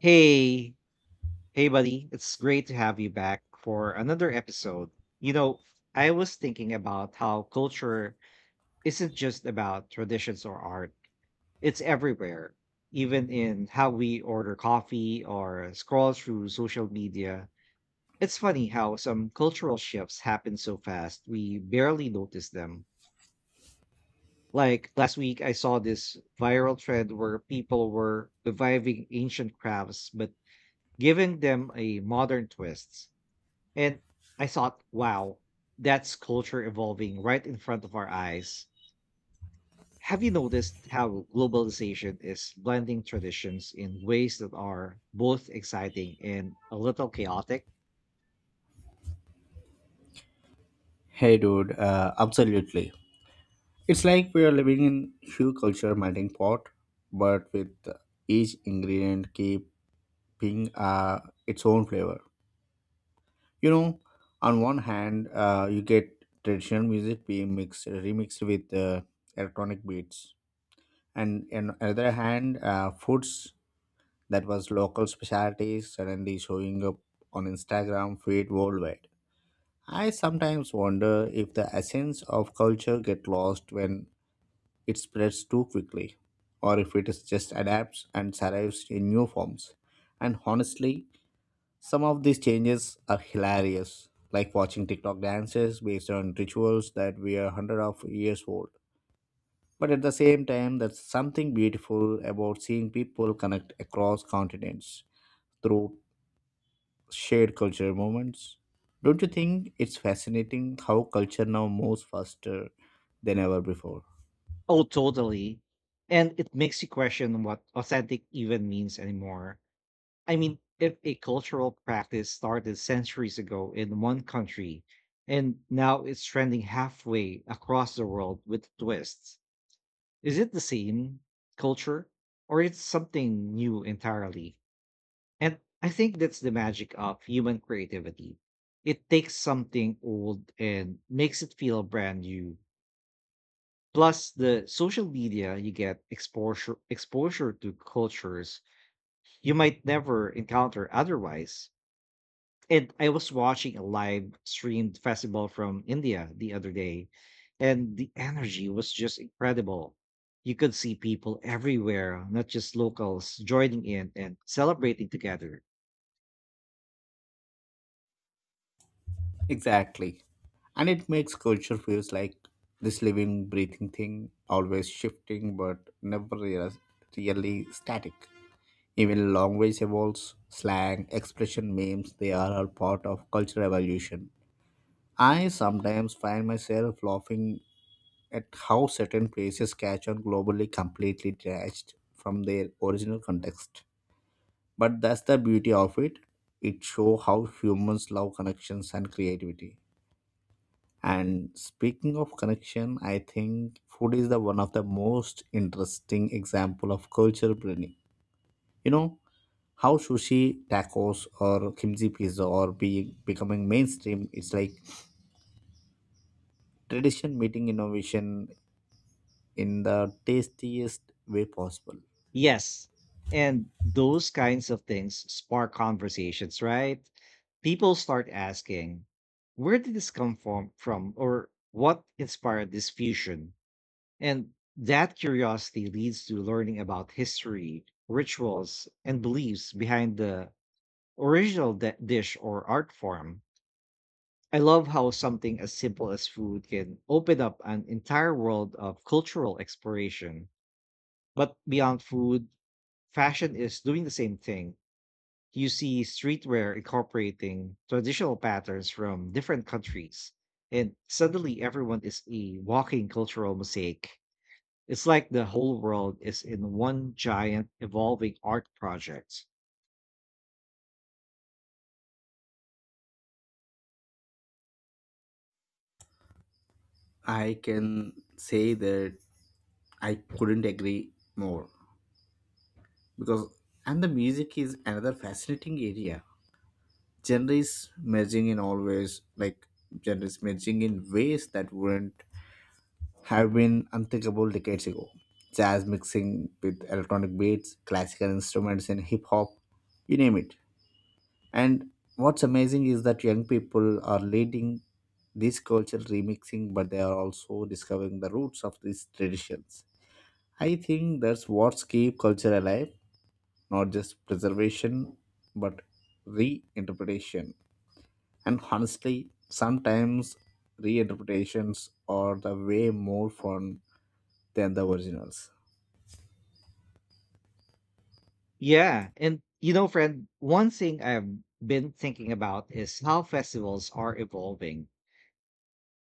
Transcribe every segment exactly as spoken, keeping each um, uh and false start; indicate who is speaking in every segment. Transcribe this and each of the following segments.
Speaker 1: Hey, hey, buddy. It's great to have you back for another episode. You know, I was thinking about how culture isn't just about traditions or art, it's everywhere, even in how we order coffee or scroll through social media. It's funny how some cultural shifts happen so fast, we barely notice them. Like last week, I saw this viral trend where people were reviving ancient crafts, but giving them a modern twist. And I thought, wow, that's culture evolving right in front of our eyes. Have you noticed how globalization is blending traditions in ways that are both exciting and a little chaotic?
Speaker 2: Hey, dude, uh, absolutely. It's like we are living in hue culture melting pot, but with each ingredient keeping uh, its own flavor. You know, on one hand, uh, you get traditional music being mixed, remixed with uh, electronic beats, and on the other hand, uh, foods that was local specialties suddenly showing up on Instagram feed worldwide. I sometimes wonder if the essence of culture get lost when it spreads too quickly, or if it is just adapts and survives in new forms. And honestly, some of these changes are hilarious, like watching TikTok dances based on rituals that were hundred of years old. But at the same time, there's something beautiful about seeing people connect across continents through shared cultural moments. Don't you think it's fascinating how culture now moves faster than ever before?
Speaker 1: Oh, totally. And it makes you question what authentic even means anymore. I mean, if a cultural practice started centuries ago in one country and now it's trending halfway across the world with twists, is it the same culture or it's something new entirely? And I think that's the magic of human creativity. It takes something old and makes it feel brand new. Plus the social media, you get exposure exposure to cultures you might never encounter otherwise. And I was watching a live streamed festival from India the other day, and the energy was just incredible. You could see people everywhere, not just locals, joining in and celebrating together.
Speaker 2: Exactly. And it makes culture feels like this living, breathing thing, always shifting but never real, really static. Even language evolves, slang, expression, memes, they are all part of cultural evolution. I sometimes find myself laughing at how certain places catch on globally completely detached from their original context. But that's the beauty of it. It shows how humans love connections and creativity. And speaking of connection, I think food is the one of the most interesting example of culture blending. You know how sushi, tacos, or kimchi pizza are be becoming mainstream. It's like tradition meeting innovation in the tastiest way possible.
Speaker 1: Yes. And those kinds of things spark conversations, right? People start asking, where did this come from, from or what inspired this fusion? And that curiosity leads to learning about history, rituals, and beliefs behind the original de- dish or art form. I love how something as simple as food can open up an entire world of cultural exploration. But beyond food, fashion is doing the same thing. You see streetwear incorporating traditional patterns from different countries, and suddenly everyone is a walking cultural mosaic. It's like the whole world is in one giant evolving art project.
Speaker 2: I can say that I couldn't agree more because and the music is another fascinating area gender is merging in always like gender is merging in ways that wouldn't have been unthinkable decades ago. Jazz mixing with electronic beats, classical instruments and hip hop, you name it. And what's amazing is that young people are leading this cultural remixing, but they are also discovering the roots of these traditions. I think that's what's keep culture alive, not just preservation, but reinterpretation. And honestly, sometimes reinterpretations are the way more fun than the originals.
Speaker 1: Yeah. And, you know, friend, one thing I've been thinking about is how festivals are evolving.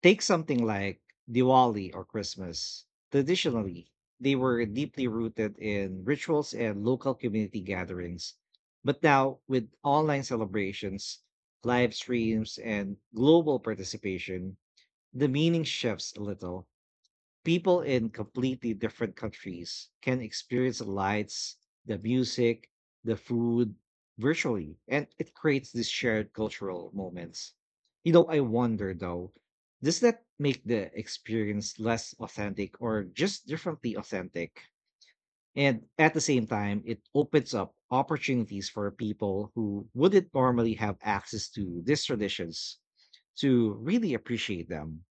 Speaker 1: Take something like Diwali or Christmas. Traditionally, they were deeply rooted in rituals and local community gatherings. But now, with online celebrations, live streams, and global participation, the meaning shifts a little. People in completely different countries can experience the lights, the music, the food virtually, and it creates these shared cultural moments. You know, I wonder though, does that make the experience less authentic or just differently authentic? And at the same time, it opens up opportunities for people who wouldn't normally have access to these traditions to really appreciate them.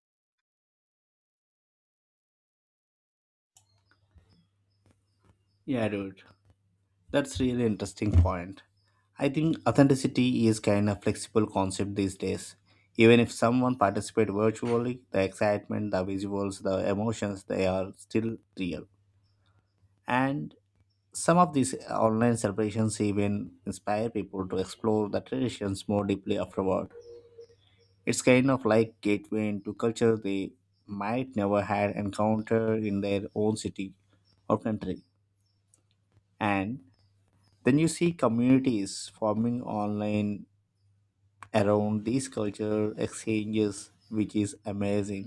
Speaker 2: Yeah, dude. That's really interesting point. I think authenticity is kind of flexible concept these days. Even if someone participates virtually, the excitement, the visuals, the emotions, they are still real. And some of these online celebrations even inspire people to explore the traditions more deeply afterward. It's kind of like gateway into culture they might never had encountered in their own city or country. And then you see communities forming online around these culture exchanges, which is amazing.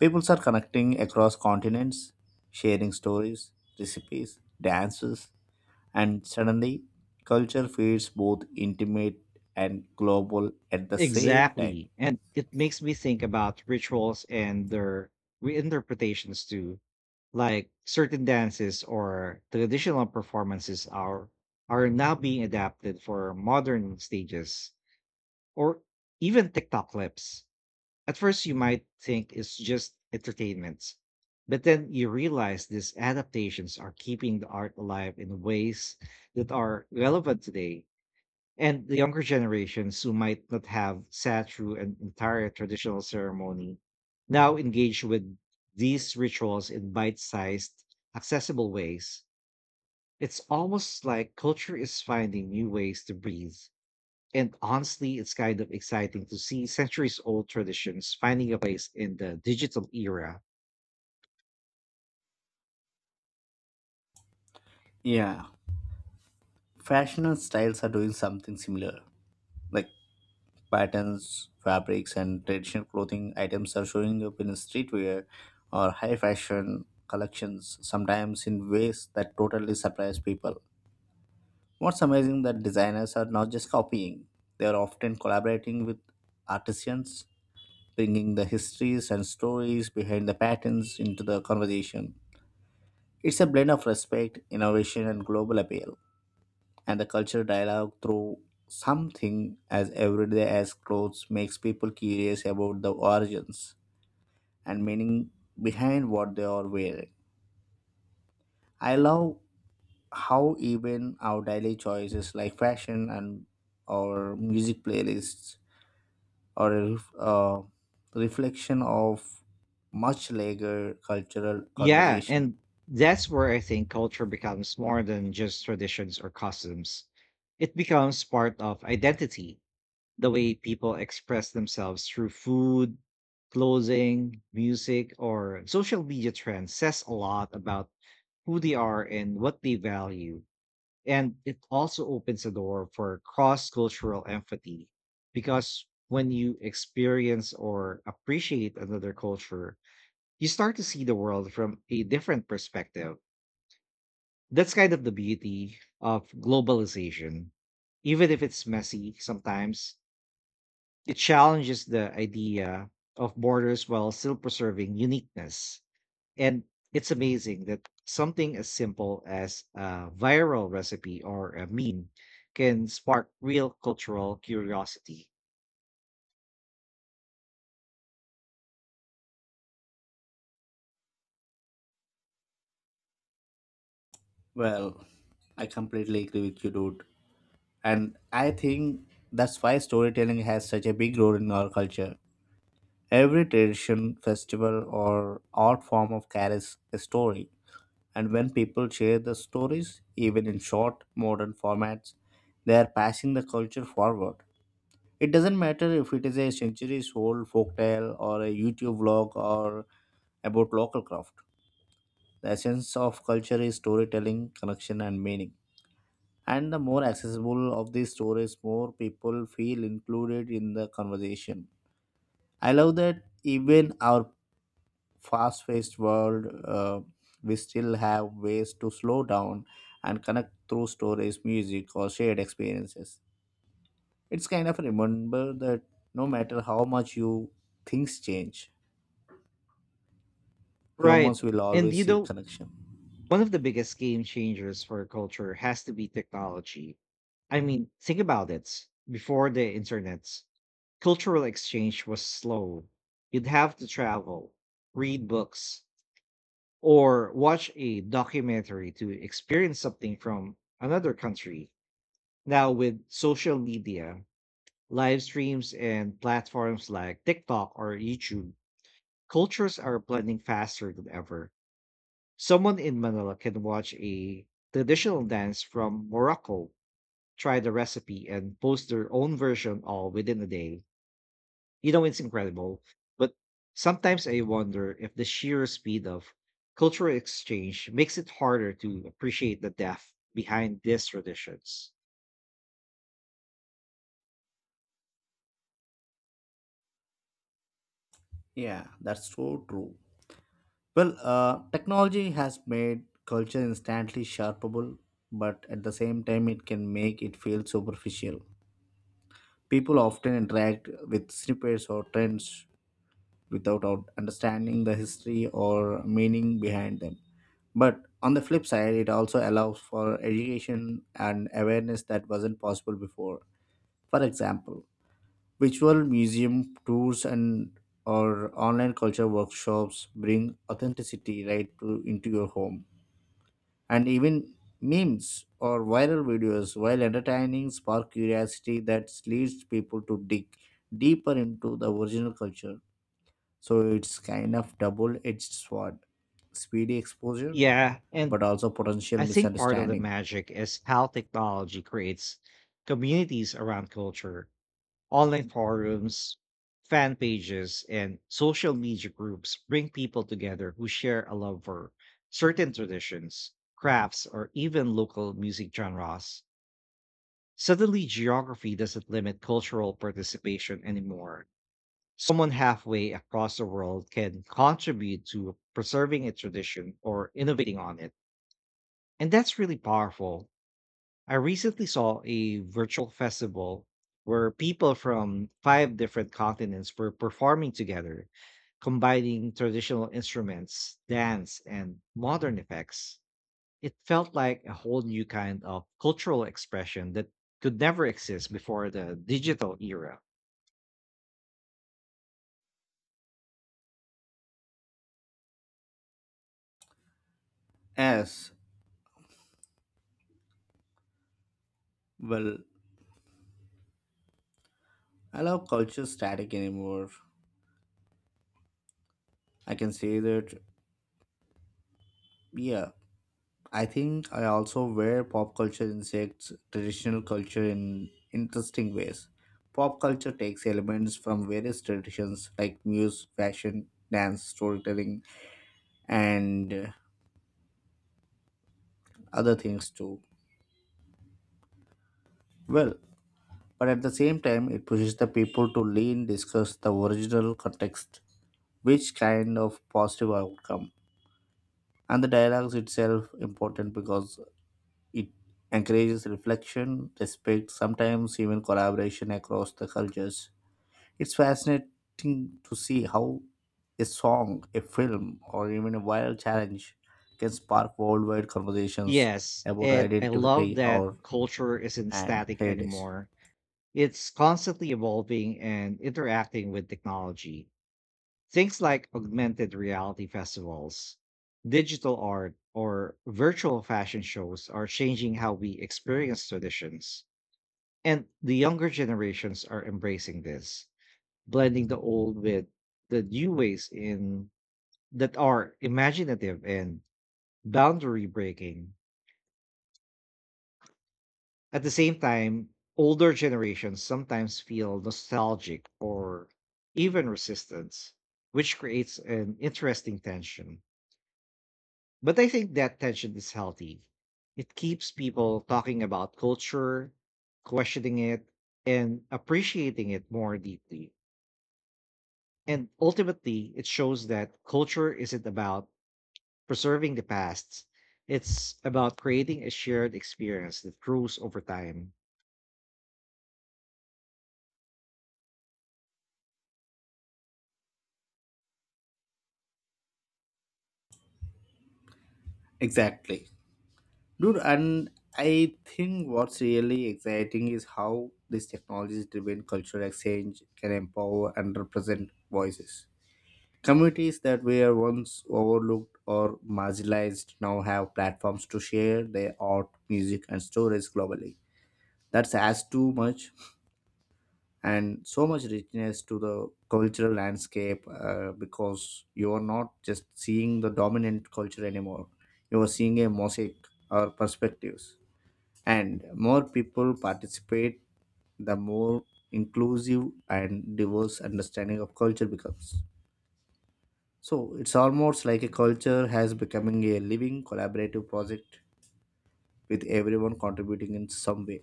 Speaker 2: People are connecting across continents, sharing stories, recipes, dances, and suddenly culture feels both intimate and global at the same time.
Speaker 1: Exactly. And it makes me think about rituals and their reinterpretations too. Like certain dances or traditional performances are are now being adapted for modern stages or even TikTok clips. At first you might think it's just entertainment, but then you realize these adaptations are keeping the art alive in ways that are relevant today, and the younger generations who might not have sat through an entire traditional ceremony now engage with these rituals in bite sized, accessible ways. It's almost like culture is finding new ways to breathe. And honestly, it's kind of exciting to see centuries old traditions finding a place in the digital era.
Speaker 2: Yeah, fashionable styles are doing something similar. Like patterns, fabrics, and traditional clothing items are showing up in streetwear or high fashion collections, sometimes in ways that totally surprise people. What's amazing that designers are not just copying, they are often collaborating with artisans, bringing the histories and stories behind the patterns into the conversation. It's a blend of respect, innovation, and global appeal. And the cultural dialogue through something as everyday as clothes makes people curious about the origins and meaning behind what they are wearing. I love how even our daily choices like fashion and our music playlists are a ref- uh, reflection of much larger cultural
Speaker 1: Yeah,
Speaker 2: conversation.
Speaker 1: and that's where I think culture becomes more than just traditions or customs. It becomes part of identity. The way people express themselves through food, clothing, music, or social media trends says a lot about who they are and what they value. And it also opens the door for cross cultural empathy because when you experience or appreciate another culture, you start to see the world from a different perspective. That's kind of the beauty of globalization. Even if it's messy sometimes, it challenges the idea of borders while still preserving uniqueness. And it's amazing that something as simple as a viral recipe or a meme can spark real cultural curiosity.
Speaker 2: Well, I completely agree with you, dude. And I think that's why storytelling has such a big role in our culture. Every tradition, festival, or art form of carries a story. And when people share the stories, even in short, modern formats, they are passing the culture forward. It doesn't matter if it is a centuries old folktale or a YouTube vlog or about local craft. The essence of culture is storytelling, connection, and meaning. And the more accessible of these stories more people feel included in the conversation. I love that even our fast-paced world uh, we still have ways to slow down and connect through stories, music, or shared experiences. It's kind of remember that no matter how much you things change,
Speaker 1: Right.
Speaker 2: humans will
Speaker 1: And
Speaker 2: always
Speaker 1: you
Speaker 2: seek
Speaker 1: know,
Speaker 2: connection.
Speaker 1: one of the biggest game changers for culture has to be technology. I mean, think about it. Before the internet, cultural exchange was slow. You'd have to travel, read books, or watch a documentary to experience something from another country. Now, with social media, live streams, and platforms like TikTok or YouTube, cultures are blending faster than ever. Someone in Manila can watch a traditional dance from Morocco, try the recipe, and post their own version all within a day. You know, it's incredible. But sometimes I wonder if the sheer speed of cultural exchange makes it harder to appreciate the depth behind these traditions.
Speaker 2: Yeah, that's so true. Well, uh, technology has made culture instantly sharpable, but at the same time, it can make it feel superficial. People often interact with snippets or trends without out- understanding the history or meaning behind them. But on the flip side, it also allows for education and awareness that wasn't possible before. For example, virtual museum tours and or online culture workshops bring authenticity right to, into your home, and even memes or viral videos, while entertaining, spark curiosity that leads people to dig deeper into the original culture. So it's kind of double-edged sword, speedy exposure,
Speaker 1: Yeah, and
Speaker 2: but also potential
Speaker 1: I think part of the
Speaker 2: misunderstanding.
Speaker 1: magic is how technology creates communities around culture. Online forums, fan pages, and social media groups bring people together who share a love for certain traditions, crafts, or even local music genres. Suddenly, geography doesn't limit cultural participation anymore. Someone halfway across the world can contribute to preserving a tradition or innovating on it. And that's really powerful. I recently saw a virtual festival where people from five different continents were performing together, combining traditional instruments, dance, and modern effects. It felt like a whole new kind of cultural expression that could never exist before the digital era.
Speaker 2: As well, I love culture static anymore. I can say that, yeah, I think I also wear pop culture insects traditional culture in interesting ways. Pop culture takes elements from various traditions like music, fashion, dance, storytelling, and uh, other things too. Well, but at the same time, it pushes the people to lean, discuss the original context, which kind of positive outcome, and the dialogues itself important because it encourages reflection, respect, sometimes even collaboration across the cultures. It's fascinating to see how a song, a film, or even a viral challenge can spark worldwide conversations
Speaker 1: Yes,
Speaker 2: about
Speaker 1: and I
Speaker 2: identity
Speaker 1: love
Speaker 2: or
Speaker 1: that culture isn't
Speaker 2: and
Speaker 1: static
Speaker 2: heritage.
Speaker 1: anymore. It's constantly evolving and interacting with technology. Things like augmented reality festivals, digital art, or virtual fashion shows are changing how we experience traditions. And the younger generations are embracing this, blending the old with the new ways in that are imaginative and boundary breaking. At the same time, older generations sometimes feel nostalgic or even resistance, which creates an interesting tension. But I think that tension is healthy. It keeps people talking about culture, questioning it, and appreciating it more deeply. And ultimately, it shows that culture isn't about preserving the past, it's about creating a shared experience that grows over time.
Speaker 2: Exactly. Dude, and I think what's really exciting is how this technology driven cultural exchange can empower and represent voices. Communities that were once overlooked or marginalized now have platforms to share their art, music, and stories globally. That adds too much and so much richness to the cultural landscape uh, because you are not just seeing the dominant culture anymore. You are seeing a mosaic or perspectives. And more people participate, the more inclusive and diverse understanding of culture becomes. So it's almost like a culture has becoming a living collaborative project with everyone contributing in some way.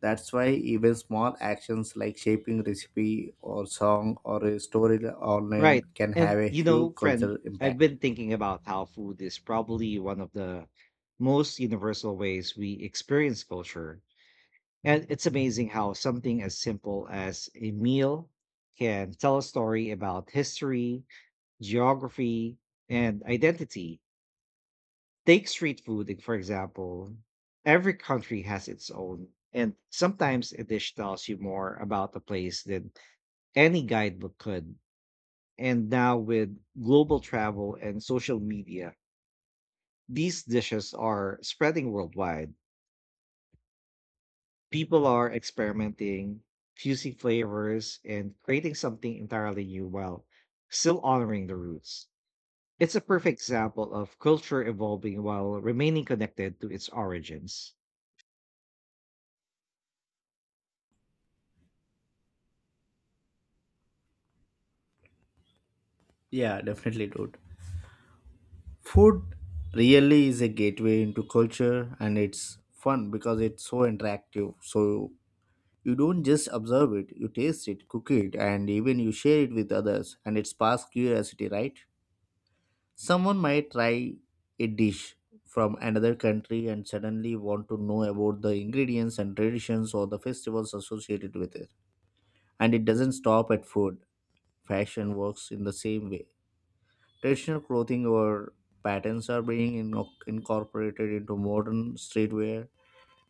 Speaker 2: That's why even small actions like shaping recipe or song or a story online
Speaker 1: Right.
Speaker 2: can
Speaker 1: And,
Speaker 2: have a
Speaker 1: you know,
Speaker 2: huge
Speaker 1: friend,
Speaker 2: cultural
Speaker 1: I've
Speaker 2: impact.
Speaker 1: been thinking about how food is probably one of the most universal ways we experience culture. And it's amazing how something as simple as a meal can tell a story about history, geography, and identity. Take street food, like, for example. Every country has its own, and sometimes a dish tells you more about the place than any guidebook could. And now, with global travel and social media, these dishes are spreading worldwide. People are experimenting, fusing flavors, and creating something entirely new while still honoring the roots. It's a perfect example of culture evolving while remaining connected to its origins.
Speaker 2: Yeah, definitely, dude. Food really is a gateway into culture, and it's fun because it's so interactive. So you don't just observe it, you taste it, cook it, and even you share it with others, and it sparks curiosity, right? Someone might try a dish from another country and suddenly want to know about the ingredients and traditions or the festivals associated with it. And it doesn't stop at food. Fashion works in the same way. Traditional clothing or patterns are being in- incorporated into modern streetwear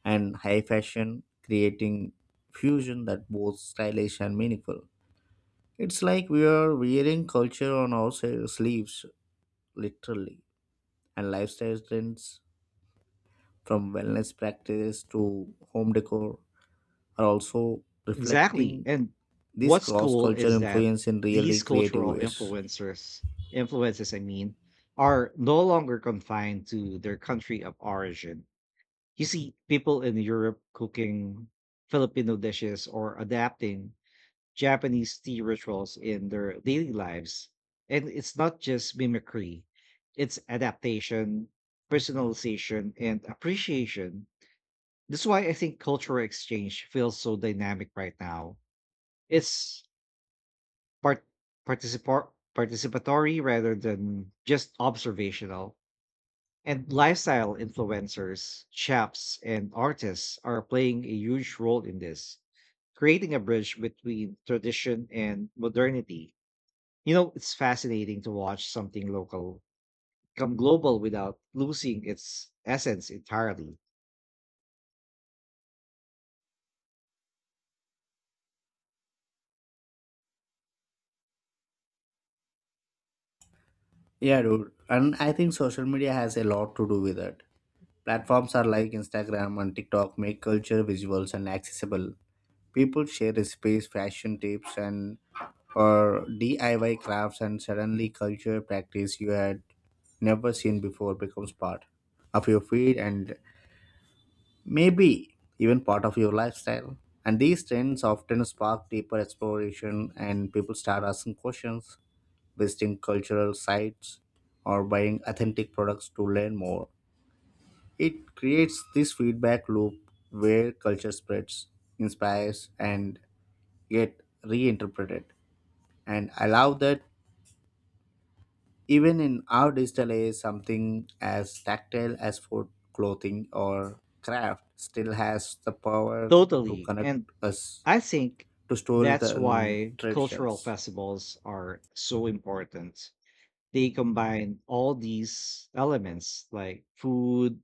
Speaker 2: and high fashion, creating fusion that both stylish and meaningful. It's like we are wearing culture on our sa- sleeves, literally, and lifestyle trends from wellness practices to home decor are also
Speaker 1: Exactly.
Speaker 2: reflecting
Speaker 1: And
Speaker 2: this
Speaker 1: what's
Speaker 2: cross
Speaker 1: cool
Speaker 2: culture
Speaker 1: is that
Speaker 2: influence in really
Speaker 1: these
Speaker 2: creative
Speaker 1: cultural
Speaker 2: ways.
Speaker 1: influencers, influences, I mean, are no longer confined to their country of origin. You see people in Europe cooking Filipino dishes or adapting Japanese tea rituals in their daily lives. And it's not just mimicry, it's adaptation, personalization, and appreciation. That's why I think cultural exchange feels so dynamic right now. It's part participa- participatory rather than just observational. And lifestyle influencers, chefs, and artists are playing a huge role in this, creating a bridge between tradition and modernity. You know, it's fascinating to watch something local become global without losing its essence entirely.
Speaker 2: Yeah, dude. And I think social media has a lot to do with it. Platforms are like Instagram and TikTok make culture visuals and accessible. People share recipes, fashion tips, and or D I Y crafts, and suddenly culture practice you had never seen before becomes part of your feed and maybe even part of your lifestyle. And these trends often spark deeper exploration, and people start asking questions, visiting cultural sites, or buying authentic products to learn more. It creates this feedback loop where culture spreads, inspires, and get reinterpreted. And allow that even in our digital age, something as tactile as food, clothing, or craft still has the power to
Speaker 1: Totally.
Speaker 2: connect
Speaker 1: And
Speaker 2: us
Speaker 1: I think
Speaker 2: to stories
Speaker 1: that's
Speaker 2: and
Speaker 1: why cultural
Speaker 2: traditions.
Speaker 1: festivals are so important. They combine all these elements like food,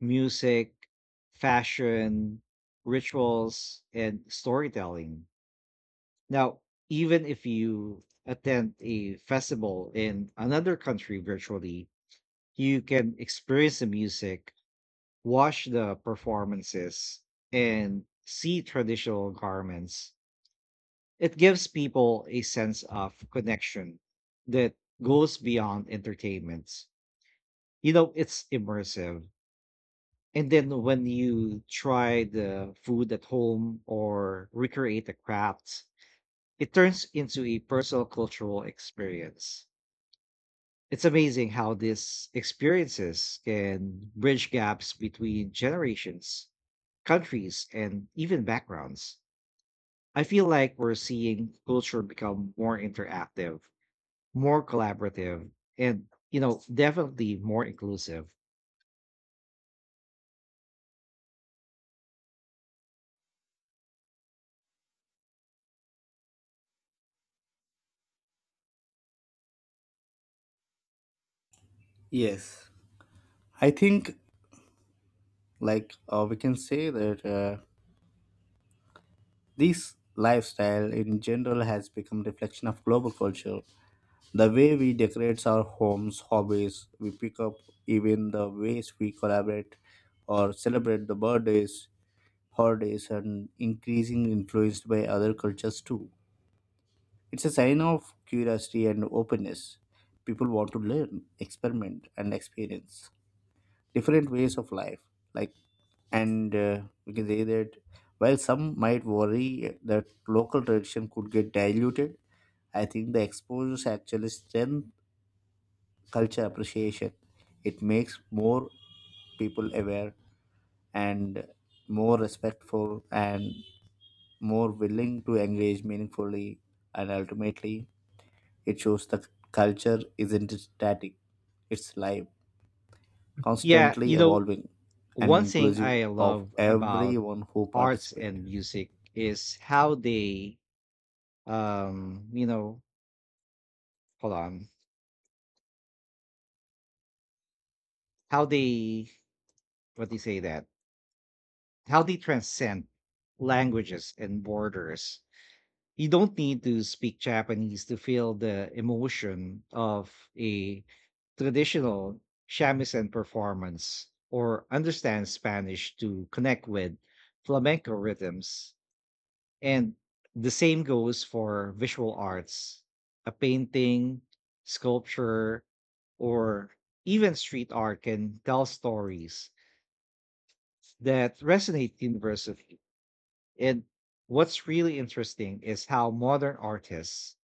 Speaker 1: music, fashion, rituals, and storytelling. Now, even if you attend a festival in another country virtually, you can experience the music, watch the performances, and see traditional garments. It gives people a sense of connection that goes beyond entertainment. You know, it's immersive. And then when you try the food at home or recreate the crafts, it turns into a personal cultural experience. It's amazing how these experiences can bridge gaps between generations, countries, and even backgrounds. I feel like we're seeing culture become more interactive, more collaborative, and, you know, definitely more inclusive.
Speaker 2: Yes, I think like uh, we can say that uh, this lifestyle in general has become reflection of global culture. The way we decorate our homes, hobbies we pick up, even the ways we collaborate or celebrate the birthdays, holidays, and increasingly influenced by other cultures too. It's a sign of curiosity and openness. People want to learn, experiment, and experience different ways of life. Like, and uh, we can say that while some might worry that local tradition could get diluted, I think the exposures actually strengthen culture appreciation. It makes more people aware and more respectful and more willing to engage meaningfully, and ultimately, it shows that culture isn't static, it's live,
Speaker 1: Yeah, you
Speaker 2: constantly
Speaker 1: know,
Speaker 2: evolving, and
Speaker 1: one thing
Speaker 2: inclusive
Speaker 1: I
Speaker 2: of
Speaker 1: love about
Speaker 2: everyone who
Speaker 1: arts
Speaker 2: participates.
Speaker 1: and music is how they, um, you know, hold on, how they, what do you say that? How they transcend languages and borders. You don't need to speak Japanese to feel the emotion of a traditional shamisen performance or understand Spanish to connect with flamenco rhythms. And the same goes for visual arts, a painting, sculpture, or even street art can tell stories that resonate universally. And what's really interesting is how modern artists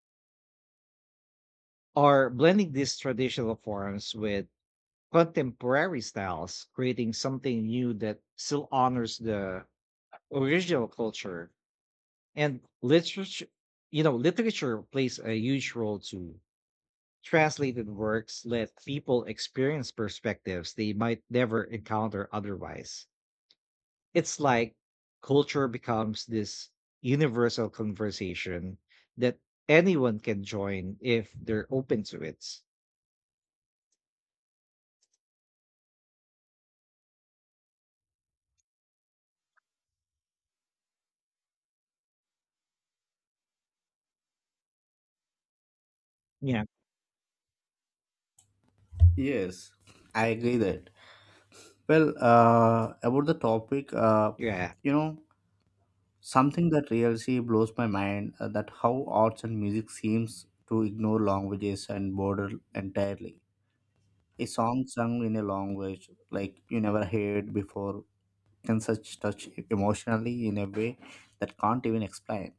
Speaker 1: are blending these traditional forms with contemporary styles, creating something new that still honors the original culture. And literature, you know, literature plays a huge role too. Translated works let people experience perspectives they might never encounter otherwise. It's like culture becomes this universal conversation that anyone can join if they're open to it. Yeah.
Speaker 2: Yes, I agree that. Well, uh, about the topic, uh,
Speaker 1: Yeah.
Speaker 2: you know, something that really blows my mind uh, that how arts and music seems to ignore languages and border entirely. A song sung in a language like you never heard before can such touch emotionally in a way that can't even explain.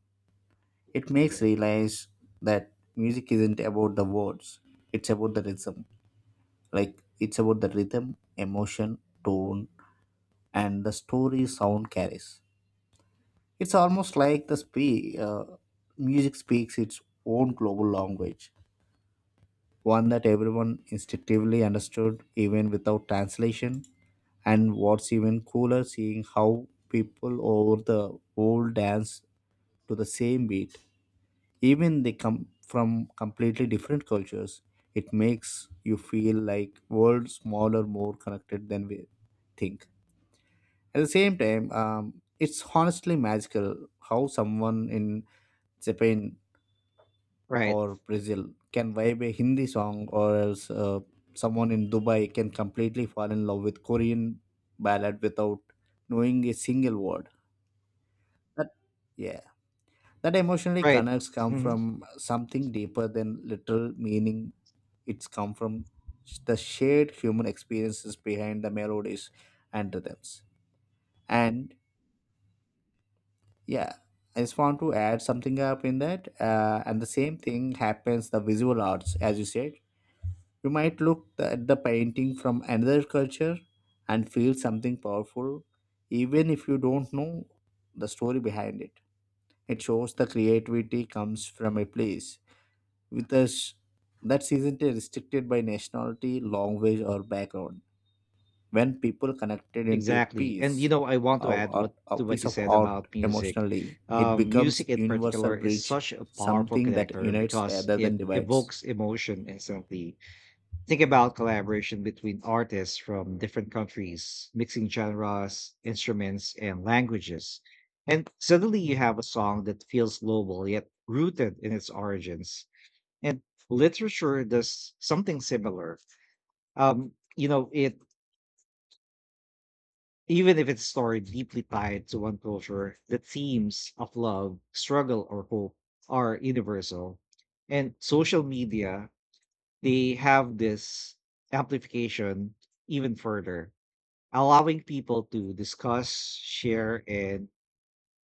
Speaker 2: It makes realize that music isn't about the words; it's about the rhythm. Like it's about the rhythm, emotion, tone, and the story sound carries. It's almost like the spe- uh, music speaks its own global language. One that everyone instinctively understood even without translation. And what's even cooler, seeing how people over the world dance to the same beat, even they come from completely different cultures. It makes you feel like world smaller, more connected than we think. At the same time, um, it's honestly magical how someone in Japan
Speaker 1: Right.
Speaker 2: or Brazil can vibe a Hindi song, or else uh, someone in Dubai can completely fall in love with Korean ballad without knowing a single word. That yeah, that emotionally
Speaker 1: Right.
Speaker 2: connects come
Speaker 1: hmm
Speaker 2: from something deeper than literal meaning. It's come from the shared human experiences behind the melodies and rhythms. And yeah, I just want to add something up in that. Uh, and the same thing happens the visual arts, as you said. You might look th- at the painting from another culture and feel something powerful, even if you don't know the story behind it. It shows the creativity comes from a place with us that isn't restricted by nationality, language, or background. When people connected into a
Speaker 1: Exactly. And you
Speaker 2: piece
Speaker 1: know, I want to
Speaker 2: of
Speaker 1: add
Speaker 2: art,
Speaker 1: what
Speaker 2: a
Speaker 1: to what
Speaker 2: piece
Speaker 1: you
Speaker 2: of
Speaker 1: said
Speaker 2: art
Speaker 1: about music.
Speaker 2: emotionally, it
Speaker 1: Um,
Speaker 2: becomes
Speaker 1: music in particular
Speaker 2: universal
Speaker 1: is
Speaker 2: bridge,
Speaker 1: such a powerful
Speaker 2: something that
Speaker 1: connector
Speaker 2: unites
Speaker 1: because
Speaker 2: rather than
Speaker 1: it
Speaker 2: divides.
Speaker 1: evokes emotion instantly. Think about collaboration between artists from different countries, mixing genres, instruments, and languages. And suddenly you have a song that feels global yet rooted in its origins. And literature does something similar. Um, you know, it even if it's story deeply tied to one culture, the themes of love, struggle, or hope are universal. And social media, they have this amplification even further, allowing people to discuss, share, and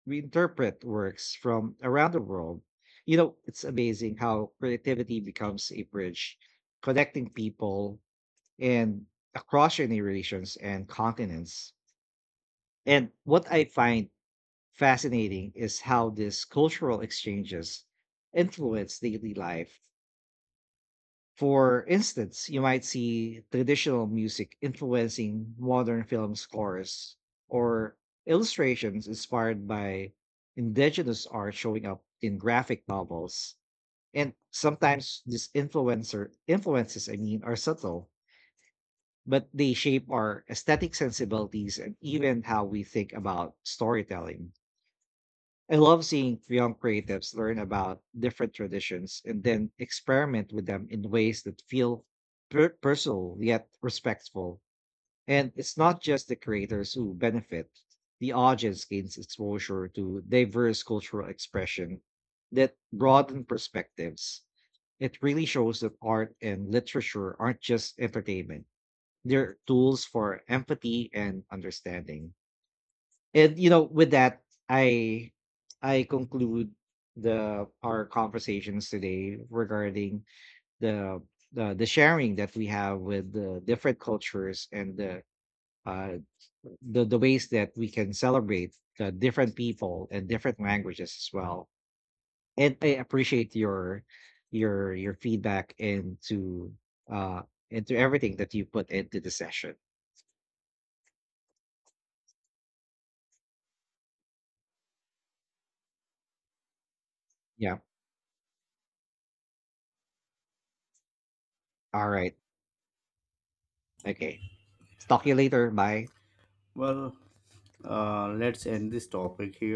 Speaker 1: reinterpret works from around the world. You know, it's amazing how creativity becomes a bridge connecting people and across generations and continents. And what I find fascinating is how these cultural exchanges influence daily life. For instance, you might see traditional music influencing modern film scores or illustrations inspired by indigenous art showing up in graphic novels. And sometimes these influencer influences, I mean, are subtle, but they shape our aesthetic sensibilities and even how we think about storytelling. I love seeing young creatives learn about different traditions and then experiment with them in ways that feel per- personal yet respectful. And it's not just the creators who benefit, the audience gains exposure to diverse cultural expression that broaden perspectives. It really shows that art and literature aren't just entertainment, they're tools for empathy and understanding. And you know, with that, I I conclude the our conversations today regarding the the, the sharing that we have with the different cultures and the uh, the the ways that we can celebrate the different people and different languages as well. And I appreciate your your your feedback into uh into everything that you put into the session. Yeah. All right. Okay. Talk to you later. Bye.
Speaker 2: Well, uh, let's end this topic